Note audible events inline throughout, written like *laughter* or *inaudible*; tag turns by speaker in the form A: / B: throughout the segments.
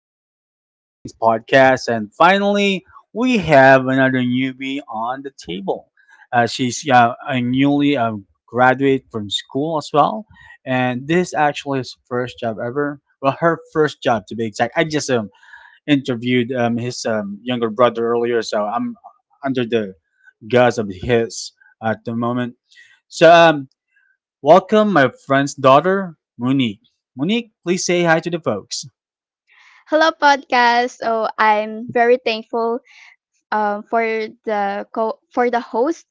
A: on Crazy Genes podcast. And finally, we have another newbie on the table. She's a newly graduate from school as well, and this is actually his first job ever. Well, her first job to be exact. I just interviewed his younger brother earlier, so I'm under the guise of his at the moment. So, um, Welcome my friend's daughter, Monique. Monique, please say hi to the folks.
B: Hello, podcast. So I'm very thankful um, for for the host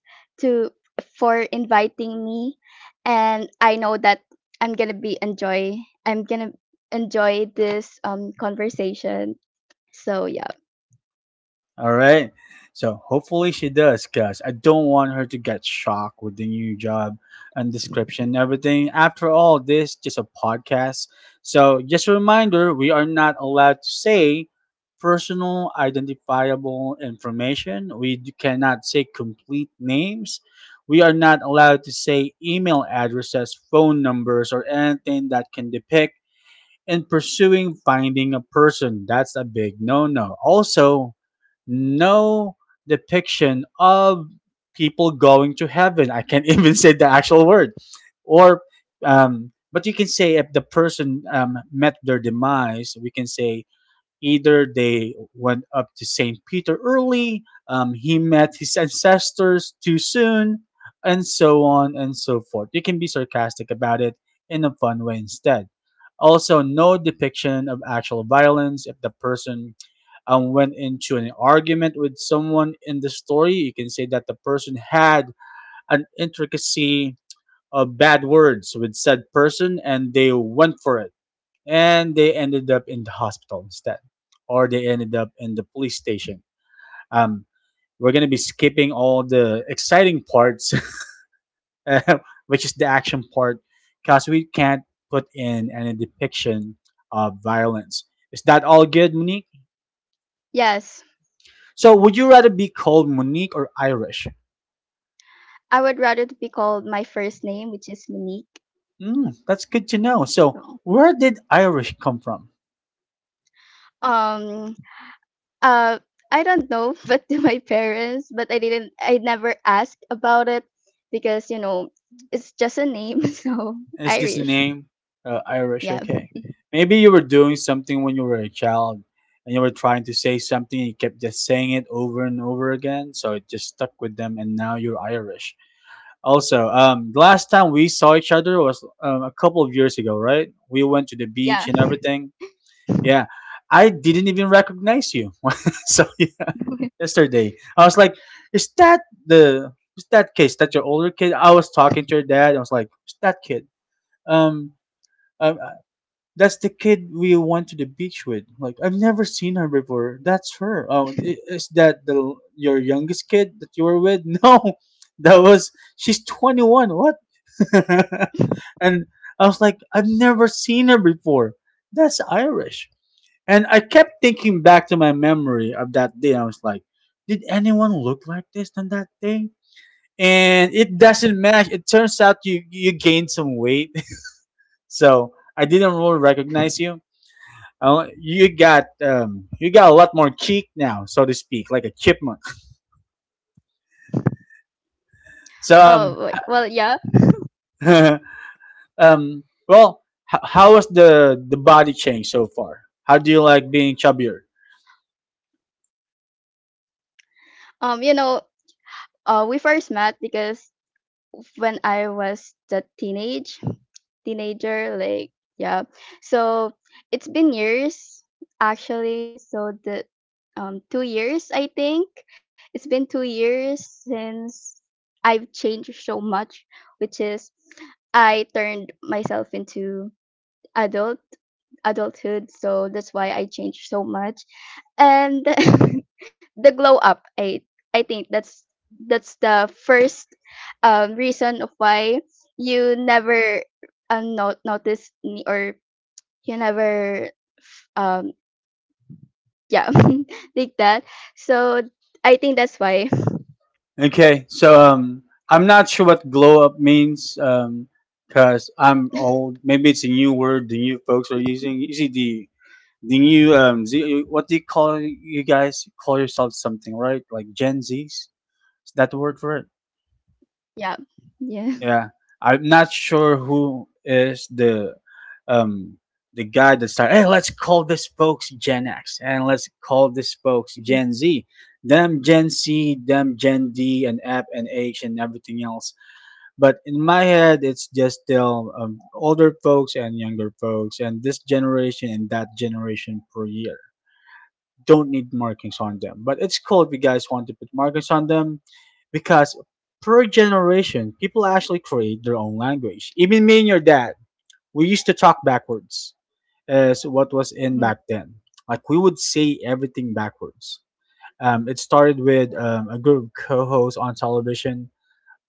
B: to for inviting me, and I know that I'm gonna be enjoy. I'm gonna enjoy this conversation. So yeah.
A: All right. So hopefully she does, cause I don't want her to get shocked with the new job and description and everything. After all, this just a podcast. So just a reminder, we are not allowed to say personal identifiable information. We cannot say complete names. We are not allowed to say email addresses, phone numbers, or anything that can depict in pursuing finding a person. That's a big no no. Also, no depiction of people going to heaven. I can't *laughs* even say the actual word. Or, but you can say if the person met their demise, we can say either they went up to St. Peter early, he met his ancestors too soon, and so on and so forth. You can be sarcastic about it in a fun way instead. Also, no depiction of actual violence. If the person went into an argument with someone in the story, you can say that the person had an intricacy of bad words with said person and they went for it and they ended up in the hospital instead, or they ended up in the police station. Um, we're gonna be skipping all the exciting parts, *laughs* uh, which is the action part, because we can't put in any depiction of violence. Is that all good, Monique?
B: Yes,
A: So, would you rather be called Monique or Irish?
B: I would rather to be called my first name, which is Monique.
A: Mm, that's good to know. So, where did Irish come from?
B: Um, Uh, I don't know, *laughs* but to my parents, but I never asked about it, because it's just a name, *laughs* so
A: It's just a
B: Irish.
A: name? Irish,
B: Yeah.
A: okay. Maybe you were doing something when you were a child and you were trying to say something and you kept just saying it over and over again, so it just stuck with them and now you're Irish. Also, the last time we saw each other was a couple of years ago, right? We went to the
B: Yeah.
A: beach and everything. Yeah. I didn't even recognize you. *laughs* So, yeah,
B: *laughs*
A: yesterday. Is is that kid? Is that your older kid? I was talking to your dad. I was like, is that kid? Um, um, uh, that's the kid we went to the beach with. Like I've never seen her before. That's her. Oh, is that the your youngest kid that you were with? *laughs* No, that was she's 21. What? *laughs* And I was like, I've never seen her before. That's Irish. And I kept thinking back to my memory of that day. I was like, did anyone look like this on that day? And it doesn't match. It turns out you gained some weight. *laughs* So I didn't really recognize you. Oh, you got a lot more cheek now, so to speak, like a chipmunk. *laughs* So
B: Oh, wait, well, yeah.
A: *laughs* well, How was the body change so far? How do you like being chubbier?
B: Um, you know, we first met because when I was the teenager, like, yeah, so it's been years actually, so the 2 years, I think, it's been 2 years since I've changed so much, which is I turned myself into adult adulthood, so that's why I changed so much. And *laughs* the glow up, I think that's the first reason of why you never, not notice me, or you never um yeah, *laughs* like that, so I think that's why.
A: Okay, so I'm not sure what glow up means because I'm old. Maybe it's a new word the new folks are using. You see the new Z, what do you call you guys call yourselves something right? Like Gen Zs? Is that the word for it?
B: Yeah, yeah.
A: Yeah, I'm not sure who is um the guy that started. Hey, let's call this folks Gen X and let's call this folks Gen
B: *laughs*
A: Z them Gen C, them Gen D, and F and H and everything else. But in my head, it's just still older folks and younger folks, and this generation and that generation per year. Don't need markings on them. But it's cool if you guys want to put markings on them because per generation, people actually create their own language. Even me and your dad, we used to talk backwards as what was in back then. Like we would say everything backwards. It started with a group of co-hosts on television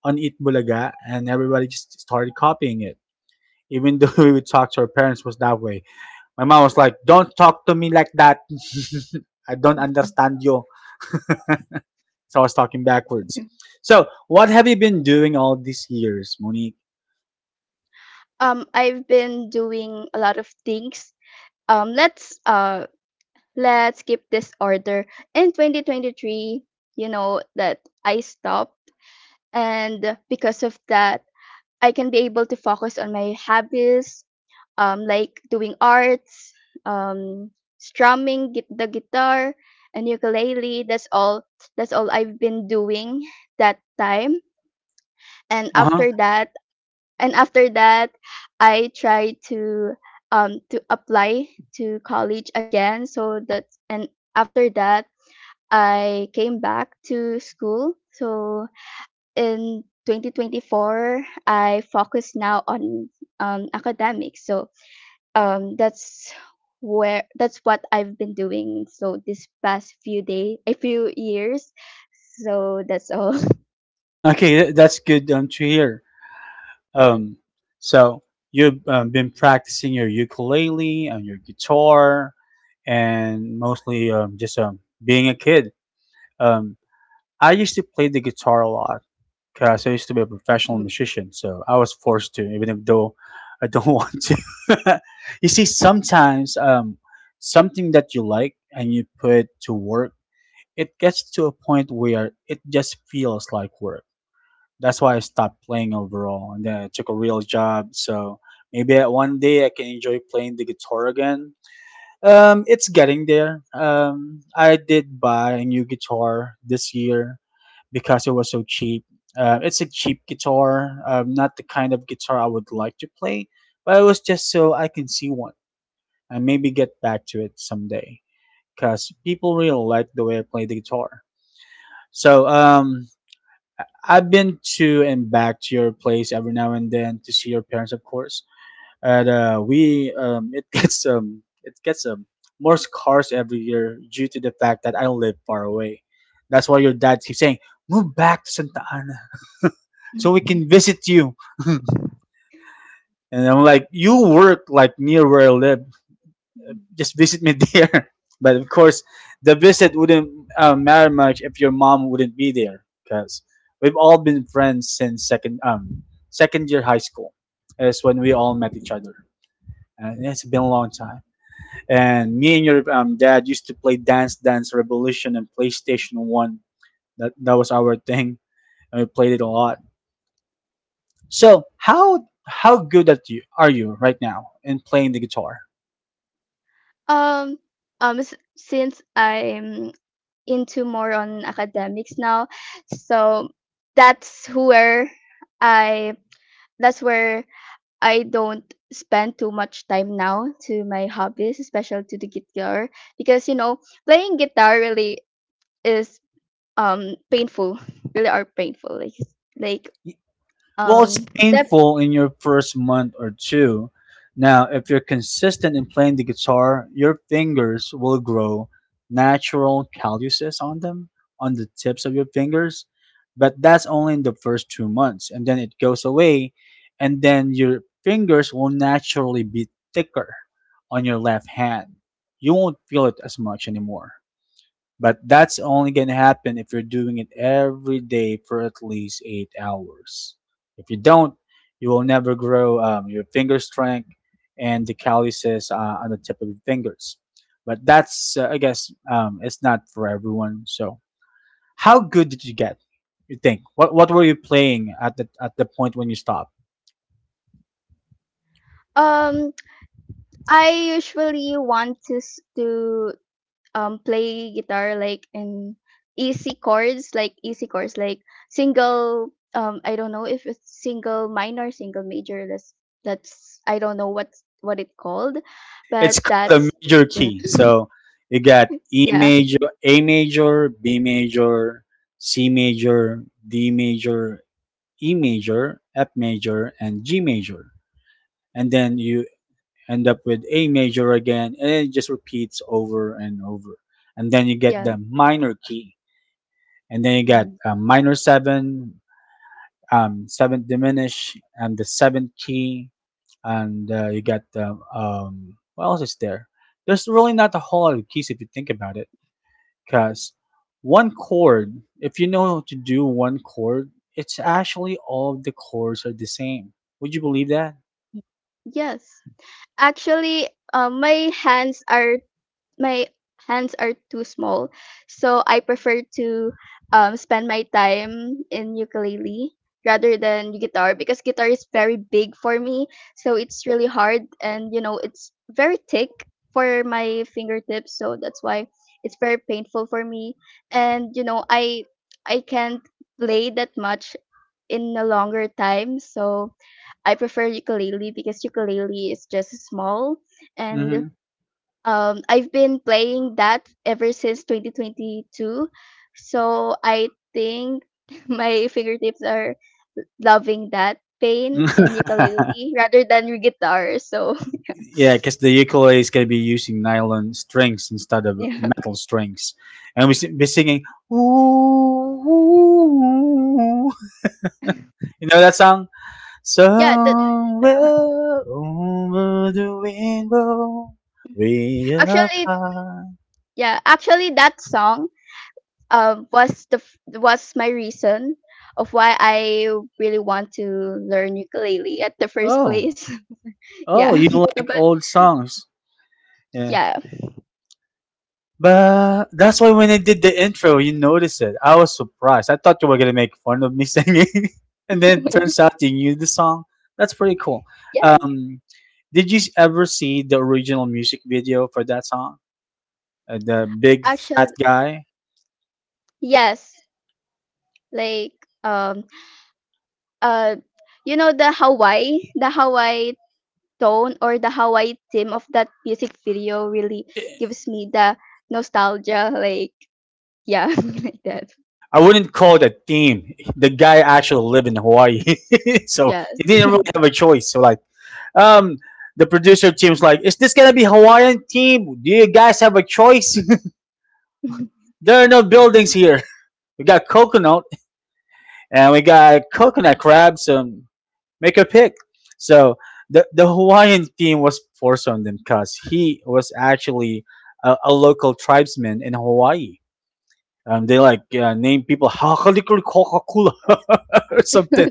A: on Eat Bulaga, and everybody just started copying it even though *laughs* we would talk to our parents was that way. My mom was like, "Don't talk to me like that. *laughs* I don't
B: Mhm.
A: understand you." So I was talking backwards. So, what have you been doing all these years, Monique?
B: I've been doing a lot of things. Let's, let's keep this order. In 2023, you know that I stopped, and because of that I can be able to focus on my hobbies, like doing arts, um, strumming the guitar and ukulele. That's all. That's all I've been doing that time. And
A: Uh huh.
B: after that, and after that, I try to apply to college again. So that and after that, I came back to school. So in 2024, I focus now on academics. So, um, that's that's what I've been doing. So this past few days, a few years. So that's all.
A: Okay, that's good to hear. Um, so you've been practicing your ukulele and your guitar, and mostly just being a kid. Um, I used to play the guitar a lot, because I used to be a professional
B: *laughs*
A: musician, so I was forced to, even if though I don't *laughs* want to. *laughs* You see, sometimes something that you like and you put to work, it gets to a point where it just feels like work. That's why I stopped playing overall, and then I took a real job. So maybe at one day I can enjoy playing the guitar again. It's getting there. I did buy a new guitar this year, because it was so cheap. It's a cheap guitar, not the kind of guitar I would like to play, but it was just so I can see one and maybe get back to it someday because people really like the way I play the guitar. So I've been to and back to your place every now and then to see your parents, of course, and we it *laughs* gets it gets more scarce every year due to the fact that I live far away. That's why your dad keeps saying, "Move back to Santa Ana, *laughs* so we
B: Mhm.
A: can visit you." *laughs* And I'm like, "You work like near where I live. Just visit me *laughs* there." But of course, the visit wouldn't matter much if your mom wouldn't be there, because we've all been friends since second year high school. Is when we all met each other. And it's been a long time. And me and your dad used to play Dance Dance Revolution and PlayStation One. That was our thing, and we played it a lot. So how good at you are you right now in playing the guitar?
B: um since I'm into more on academics now, so that's where i that's where I don't spend too much time now to my hobbies, especially to the guitar, because playing guitar really is painful, *laughs* really are painful. Like,
A: Well,
B: um
A: it's
B: that
A: painful in your first month or two. Now, if you're consistent in playing the guitar, your fingers will grow natural calluses on them, on the tips of your fingers. But that's only in the first 2 months, and then it goes away, and then your fingers will naturally be thicker on your left hand. You won't feel it as much anymore. But that's only going to happen if you're doing it every day for at least 8 hours. If you don't, you will never grow your finger strength and the calluses on the tip of your fingers. But that's, I guess, it's not for everyone. So, how good did you get? You think? What were you playing at the point when you stopped?
B: um I usually want to, play guitar, like, in easy chords, like single, I don't know if it's single minor, single major. That's I don't know what's what it called,
A: It's
B: but
A: called a
B: that's.
A: major
B: Yeah,
A: key. So you got E
B: yeah,
A: major, A major, B major, C major, D major, E major, F major, and G major. And then you end up with A major again, and it just repeats over and over. And then you get
B: yeah.
A: the minor key. And then you got
B: Mhm.
A: minor seven, seventh diminished, and the seventh key, and you got the what else is there. There's really not a whole lot of keys if you think about it because one chord, if you know how to do one chord, it's actually all of the chords are the same. Would you believe that?
B: Yes, actually, um my hands are my hands are too small. So I prefer to, spend my time in ukulele rather than guitar because guitar is very big for me. So it's really hard, and you know, it's very thick for my fingertips. So that's why it's very painful for me. And you know, I can't play that much in a longer time. So I prefer ukulele because ukulele is just small, and,
A: Hmm.
B: I've been playing that ever since 2022. So I think *laughs* my fingertips are loving that pain
A: *laughs*
B: and ukulele rather than your guitar. So.
A: Yeah, because the ukulele is going to be using nylon strings instead
B: *laughs*
A: of
B: Yeah,
A: metal strings and be singing. *laughs* You know that song
B: yeah. That, yeah.
A: Somewhere over the rainbow, way up
B: Actually,
A: high.
B: yeah. Actually, that song, was my reason of why I really want to learn ukulele at the first
A: Oh,
B: place. *laughs*
A: oh,
B: Yeah,
A: you
B: *laughs*
A: like
B: but
A: old songs. Yeah.
B: yeah,
A: But that's why when I did the intro, you noticed it. I was surprised. I thought you were going to make fun of me *laughs* singing, and then it
B: *laughs*
A: turns out you knew the song. That's pretty cool.
B: yes.
A: Um, did you ever see the original music video for that song? The big fat
B: Actually,
A: guy?
B: yes. Like, um uh you know the Hawaii, tone, or the Hawaii theme of that music video really gives me the nostalgia. Like, yeah, *laughs* like that.
A: I wouldn't call it a theme. The guy actually lived in Hawaii, *laughs* so
B: Yes.
A: he didn't really have a choice. So like, um, the producer team's like, is this gonna be Hawaiian team? Do you guys have a choice? *laughs*
B: *laughs*
A: There are no buildings here. We got coconut and we got coconut crabs. Make a pick. So the Hawaiian theme was forced on them because he was actually a local tribesman in Hawaii. They like name people Hakalikurikokakula *laughs* or something.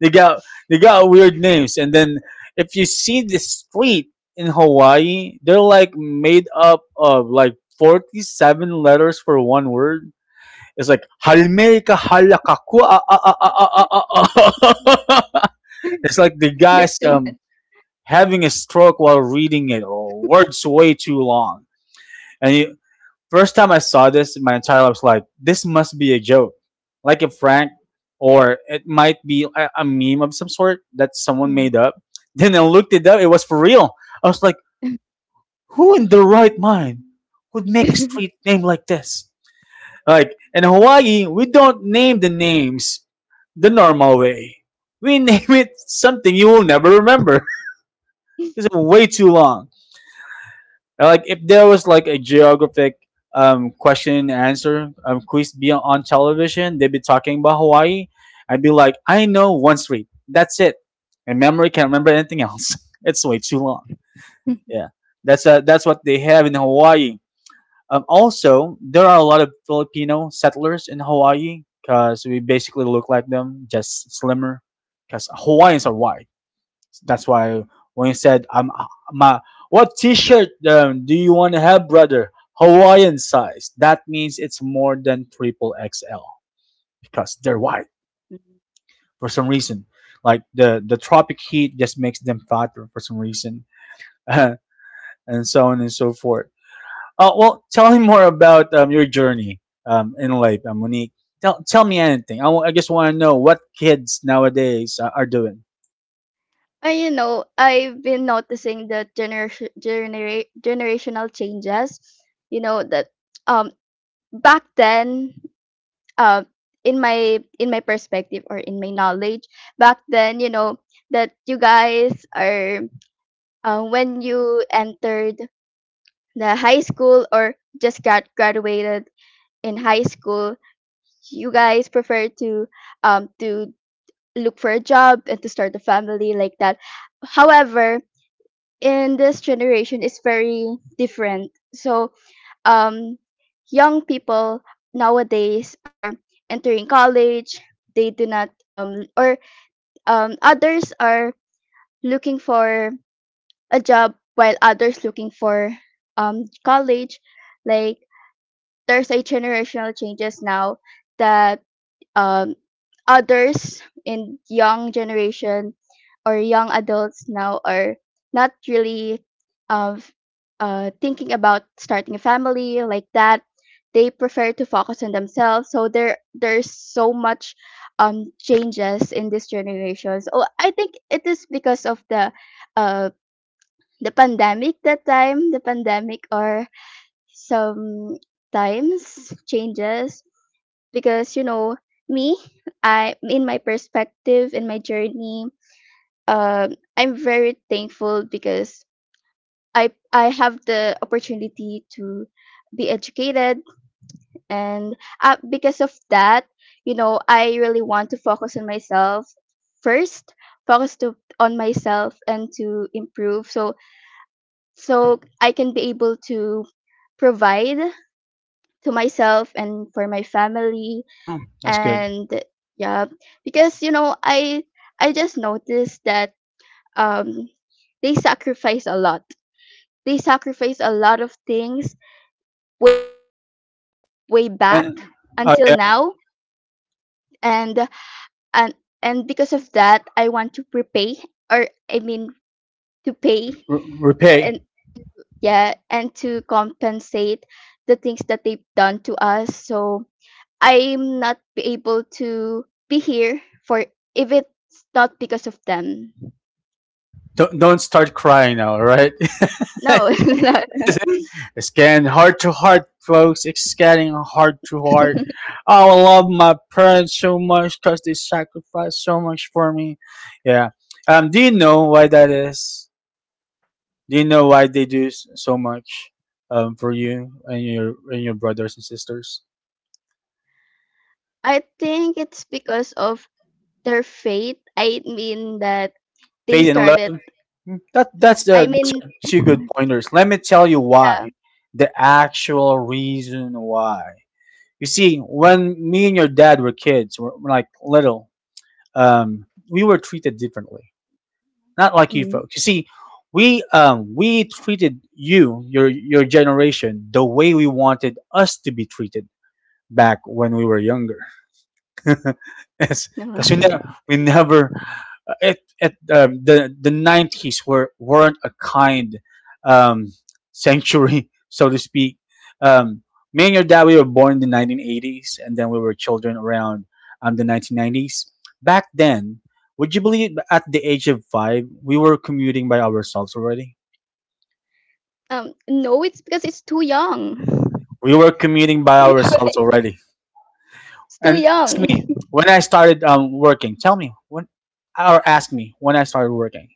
A: They got they got weird names, and then if you see the street in Hawaii, they're like made up of like 47 letters for one word. It's like Halmeika Halakakua. *laughs* It's like the guys
B: That's too much.
A: having a stroke while reading it. Oh, words way too long. And you, first time I saw this in my entire life, I was like, this must be a joke, like a prank, or it might be a meme of some sort that someone
B: Mm.
A: made up. *laughs* Then I looked it up; it was for real. I was like, who in their right mind would make a street
B: *laughs*
A: name like this? Like in Hawaii, we don't name the names the normal way. We *laughs* name it something you will never remember. *laughs* It's way too long. Like if there was like a geographic question and answer quiz be on television, they'd be talking about Hawaii. I'd be like, I know one street. That's it. And memory can't remember anything else. *laughs* It's way too long. Yeah, that's what they have in Hawaii. Also, there are a lot of Filipino settlers in Hawaii because we basically look like them, just slimmer. Because Hawaiians are white. That's why when you said, "I'm my what T-shirt do you want to have, brother?" Hawaiian size. That means it's more than triple XL because they're white for some reason. Like the tropic heat just makes them fatter for some reason, *laughs* and so on and so forth. Well, tell me more about your journey in life, Monique. Tell me anything. I just want to know what kids nowadays are doing.
B: I've been noticing the generational changes. You know that, um back then, uh, in my perspective, or in my knowledge back then, you know that you guys are, when you entered the high school or just got graduated in high school, you guys prefer to, um to look for a job and to start a family, like that. However, in this generation is very different. So, um, young people nowadays are entering college. They do not, or others are looking for a job while others looking for college. Like, there's a generational changes now that, um, others in young generation or young adults now are not really of, thinking about starting a family, like that. They prefer to focus on themselves, so there's so much changes in this generation. So I think it is because of uh the pandemic that time, the pandemic, or some times changes. Because, me, I in my perspective, in my journey, I'm very thankful because I have the opportunity to be educated. And, because of that, I really want to focus on myself first, focus to on myself and to improve, so I can be able to provide to myself and for my family.
A: Oh, that's good.
B: And yeah, because I just noticed that, um they sacrifice a lot, they sacrifice a lot of things, way since way
A: And
B: back until
A: yeah,
B: now. And and and because of that I want to prepay, or I mean, to pay, and
A: repay.
B: to yeah and to compensate the things that they've done to us, so I'm not be able to be here for if it's not because of them.
A: Don't start crying now, all right? *laughs*
B: No, *laughs* not.
A: It's getting heart to heart, folks. It's getting heart to heart. Oh, I love my parents so much because they sacrificed so much for me. Yeah. Do you know why that is? Do you know why they do so much, for you and your brothers and sisters?
B: I think it's because of their faith. I mean that they
A: Faith and
B: started.
A: love. Mm, that that's the
B: I
A: those
B: mean,
A: are
B: *laughs*
A: two good pointers. Let me tell you why.
B: yeah.
A: The actual reason why. You see, when me and your dad were kids, were like little, we were treated differently. Not like you
B: Mm,
A: folks. You see, we treated you, your generation, the way we wanted us to be treated back when we were younger. *laughs* Yes,
B: no.
A: because
B: *laughs*
A: we never it it the nineties were weren't a kind um, century, *laughs* so to speak. Um, me and your dad we were born in the 1980s, and then we were children around the 1990s. Back then, would you believe at the age of 5 we were commuting by ourselves already?
B: No, it's because it's too young. *laughs*
A: We were commuting by
B: You know,
A: ourselves already.
B: it's too
A: And ask
B: young.
A: me when I started working. Tell me when, or ask me when I started working.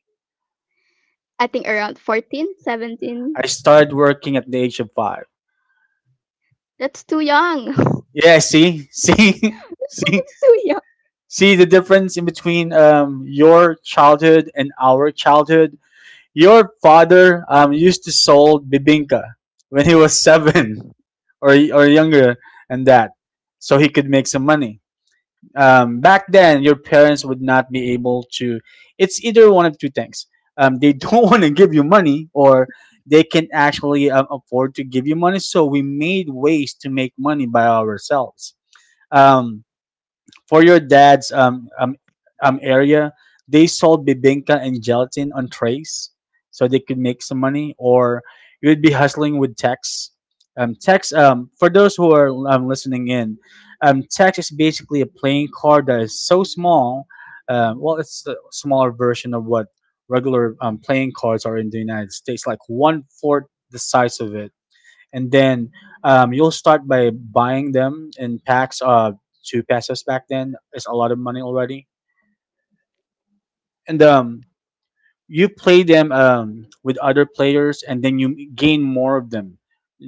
B: I think around 14, 17.
A: I started working at the age of 5.
B: That's too young.
A: Yeah, see, *laughs*
B: *laughs* It's too young.
A: see the difference in between your childhood and our childhood. Your father used to sold bibinka when he was seven *laughs* or or younger, and that, so he could make some money. Um, back then your parents would not be able to, it's either one of two things, they don't *laughs* want to give you money or they can actually afford to give you money, so we made ways to make money by ourselves. um, for your dad's area, they sold bibinka and gelatin on trays so they could make some money, or you'd be hustling with text. Text, for those who are listening in, text is basically a playing card that is so small. Well, it's the smaller version of what regular playing cards are in the United States, like one fourth the size of it, and then you'll start by buying them in packs of 2 pesos. Back then it's a lot of money already. And you play them with other players and then you gain more of them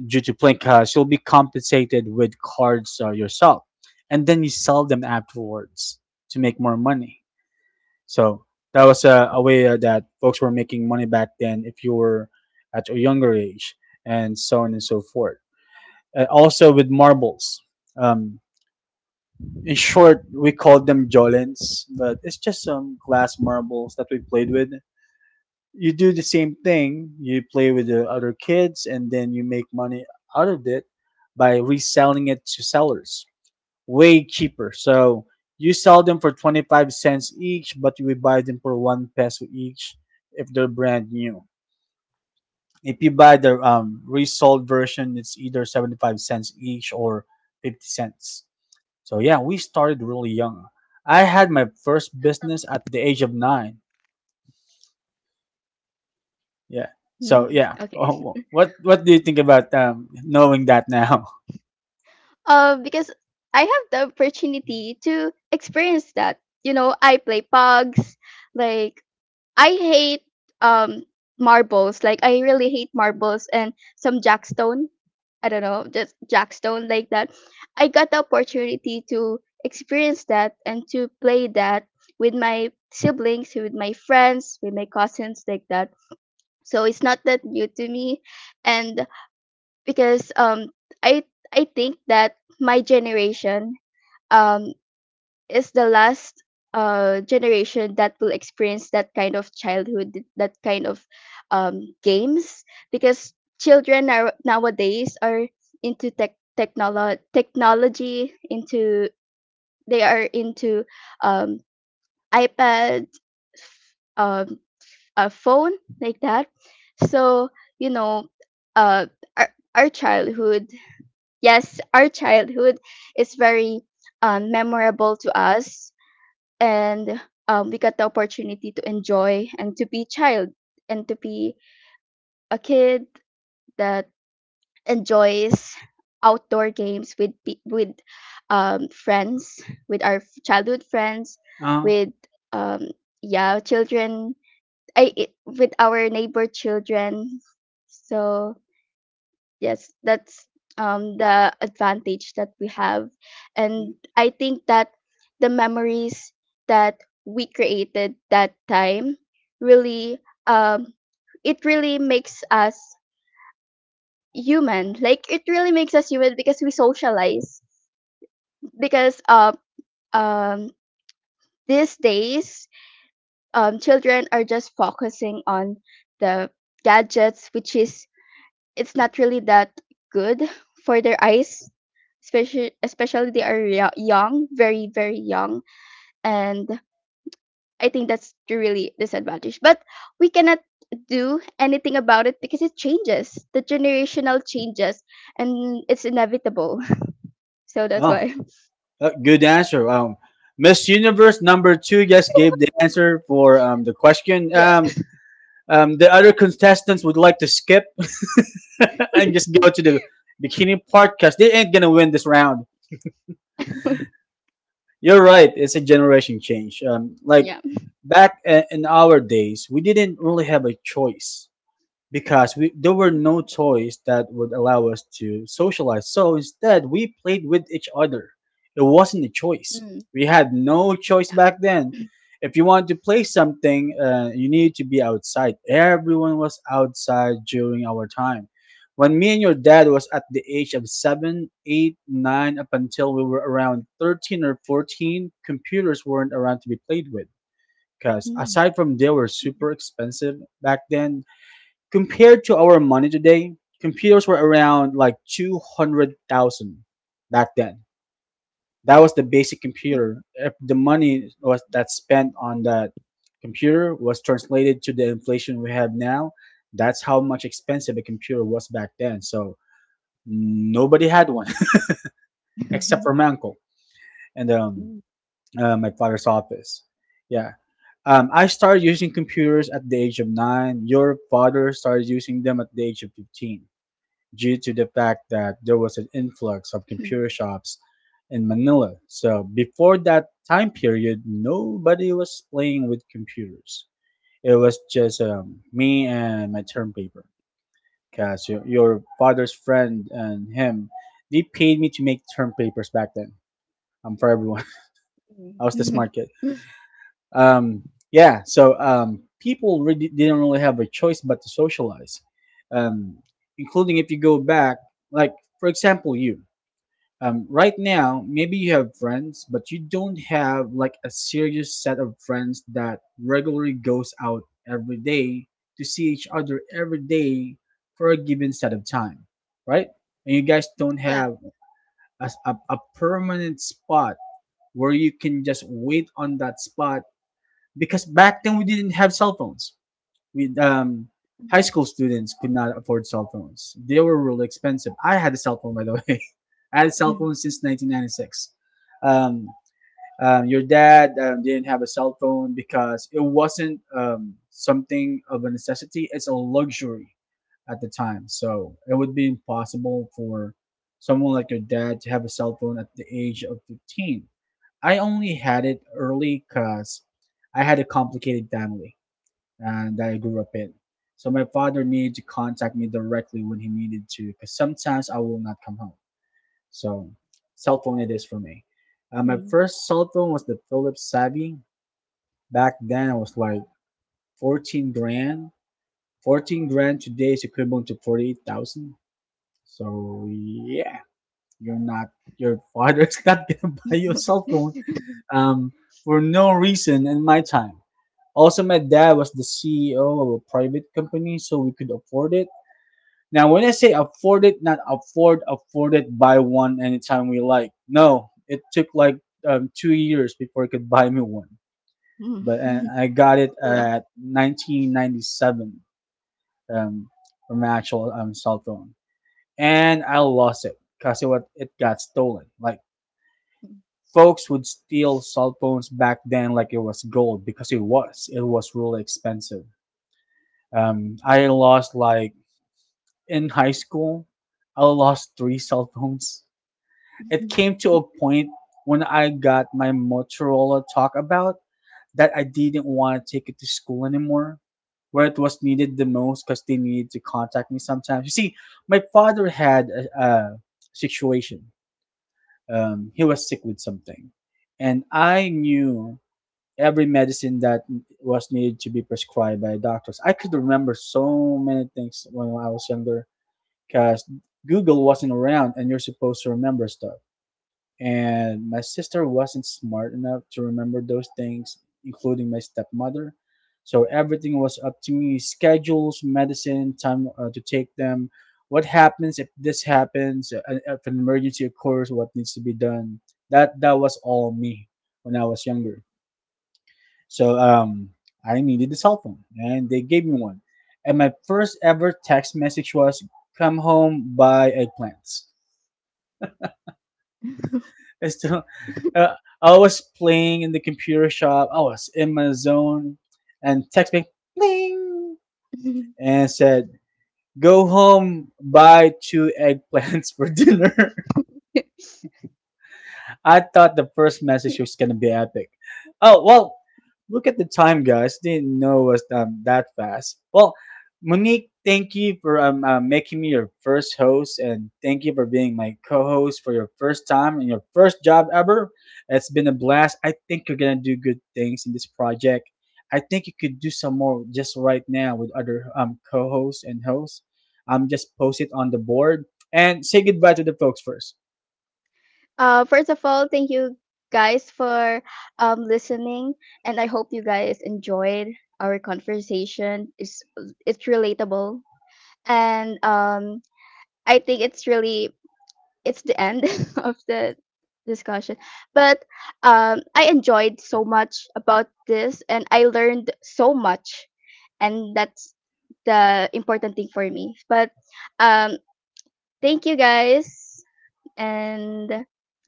A: due to playing cards. You'll be compensated with cards yourself, and then you sell them afterwards to make more money. So that was a way that folks were making money back then if you were at a younger age, and so on and so forth. Uh, also with marbles. Um, In short, we called them Jolens, but it's just some glass marbles that we played with. You do the same thing, you play with the other kids, and then you make money out of it by reselling it to sellers. Way cheaper. So you sell them for 25 cents each, but we buy them for 1 peso each if they're brand new. If you buy the resold version, it's either 75 cents each or 50 cents. So yeah, we started really young. I had my first business at the age of 9. Yeah. So
B: Mm,
A: yeah, *laughs*
B: okay.
A: oh, what do you think about knowing that now? *laughs*
B: Because I have the opportunity to experience that. You know, I play pugs. Like, I hate um marbles. Like, I really hate marbles, and some jackstone. I don't know, just jackstone like that. I got the opportunity to experience that and to play that with my siblings, with my friends, with my cousins, like that. So it's not that new to me, and because, I I think that my generation, um is the last generation that will experience that kind of childhood, that kind of games, because children nowadays are into, technology, into they are into, um iPad, um a phone, like that. So, you know, uh our, our childhood, yes, our childhood is very, memorable to us, and, we got the opportunity to enjoy and to be child and to be a kid that enjoys outdoor games with, friends, with our childhood friends,
A: Uh,
B: with, um, yeah, children, with our neighbor children. So yes, that's the advantage that we have, and I think that the memories that we created that time really, um it really makes us human, like it really makes us human because we socialize, because, um these days children are just focusing on the gadgets, which is, it's not really that good for their eyes, especially they are young, very, very young. And I think that's the really disadvantage, but we cannot do anything about it because it changes, the generational changes, and it's inevitable. *laughs* So that's
A: oh,
B: why.
A: good answer. Miss Universe number 2 just gave the
B: *laughs*
A: answer for the question.
B: Yeah.
A: The other contestants would like to skip *laughs* and just go to the bikini part because they ain't gonna win this round.
B: *laughs*
A: You're right. It's a generation change. Like
B: Yeah.
A: back in our days, we didn't really have a choice because there were no toys that would allow us to socialize. So instead, we played with each other. It wasn't a choice.
B: Mm.
A: We had no choice back then. If you want to play something, you need to be outside. Everyone was outside during our time. When me and your dad was at the age of seven, eight, nine, up until we were around 13 or 14, computers weren't around to be played with, because aside from they were super expensive back then, compared to our money today, computers were around like 200,000 back then. That was the basic computer. If the money was that spent on that computer was translated to the inflation we have now, that's how much expensive a computer was back then. So nobody had one *laughs* except
B: Mm.
A: for
B: *laughs*
A: my uncle and
B: Mm.
A: my father's office. Yeah. I started using computers at the age of 9. Your father started using them at the age of 15, due to the fact that there was an influx of computer shops in Manila. So before that time period, nobody was playing with computers. It was just me and my term paper. Cause your father's friend and him, they paid me to make term papers back then. For everyone, *laughs* I was the smart kid.
B: *laughs*
A: Um, yeah. So people really didn't really have a choice but to socialize. Um, including if you go back, like for example, you. Um, right now maybe you have friends, but you don't have like a serious set of friends that regularly goes out every day to see each other every day for a given set of time, right? And you guys don't
B: Yeah.
A: have a permanent spot where you can just wait on that spot, because back then we didn't have cell phones. We high
B: Mm.
A: school students could not afford cell phones. They were really expensive. I had a cell phone, by the way. *laughs* I had a cell
B: Mm.
A: phone since 1996. Um, your dad didn't have a cell phone because it wasn't something of a necessity. It's a luxury at the time. So it would be impossible for someone like your dad to have a cell phone at the age of 15. I only had it early because I had a complicated family and that I grew up in. So my father needed to contact me directly when he needed to, because sometimes I will not come home. So cell phone it is for me. My
B: Mm.
A: first cell phone was the Philips Savvy. Back then it was like 14 grand. 14 grand today is equivalent to 48,000. So yeah, you're not, your father's *laughs* not gonna buy you a cell phone
B: *laughs*
A: um, for no reason in my time. Also, my dad was the CEO of a private company, so we could afford it. Now, when I say afford it, not afford, afford it, buy one anytime we like. No, it took like 2 years before it could buy me one.
B: Mm.
A: But I got it
B: *laughs* So, long.
A: at 1997 um, from an actual cell phone. And I lost it because it got stolen. Like, folks would steal cell phones back then like it was gold because it was. It was really expensive. I lost, like, in high school, I lost three cell phones. It
B: Mm.
A: came to a point when I got my Motorola talk about, that I didn't want to take it to school anymore, where it was needed the most because they needed to contact me sometimes. You see, my father had a situation. He was sick with something, and I knew every medicine that was needed to be prescribed by doctors. I could remember so many things when I was younger because Google wasn't around and you're supposed to remember stuff, and my sister wasn't smart enough to remember those things, including my stepmother. So everything was up to me: schedules, medicine, time to take them, what happens if this happens, if an emergency occurs, what needs to be done. That was all me when I was younger. So I needed a cell phone, and they gave me one. And my first ever text message was, "Come home, buy eggplants." *laughs* I still, uh, I was playing in the computer shop. I was in my zone, and text me, bling,
B: *laughs*
A: and said, "Go home, buy two eggplants *laughs* for dinner." I thought the first message was gonna be epic. Oh well, look at the time, guys. Didn't know it was that fast. Well, Monique, thank you for making me your first host, and thank you for being my co-host for your first time and your first job ever. It's been a blast. I think you're gonna do good things in this project. I think you could do some more just right now with other co-hosts and hosts. Just post it on the board and say goodbye to the folks first.
B: First of all, thank you guys for listening, and I hope you guys enjoyed our conversation. It's relatable, and, I think it's the end *laughs* of the discussion. But, I enjoyed so much about this, and I learned so much, and that's the important thing for me. But, um, thank you guys, and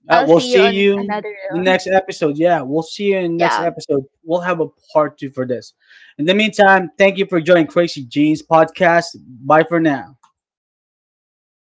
B: I'll
A: We'll
B: see you
A: see
B: on
A: you
B: another.
A: the
B: one.
A: next episode. Yeah, we'll see you in the next
B: Yeah.
A: episode. We'll have a part two for this. In the meantime, thank you for joining Crazy Jeans podcast. Bye for now.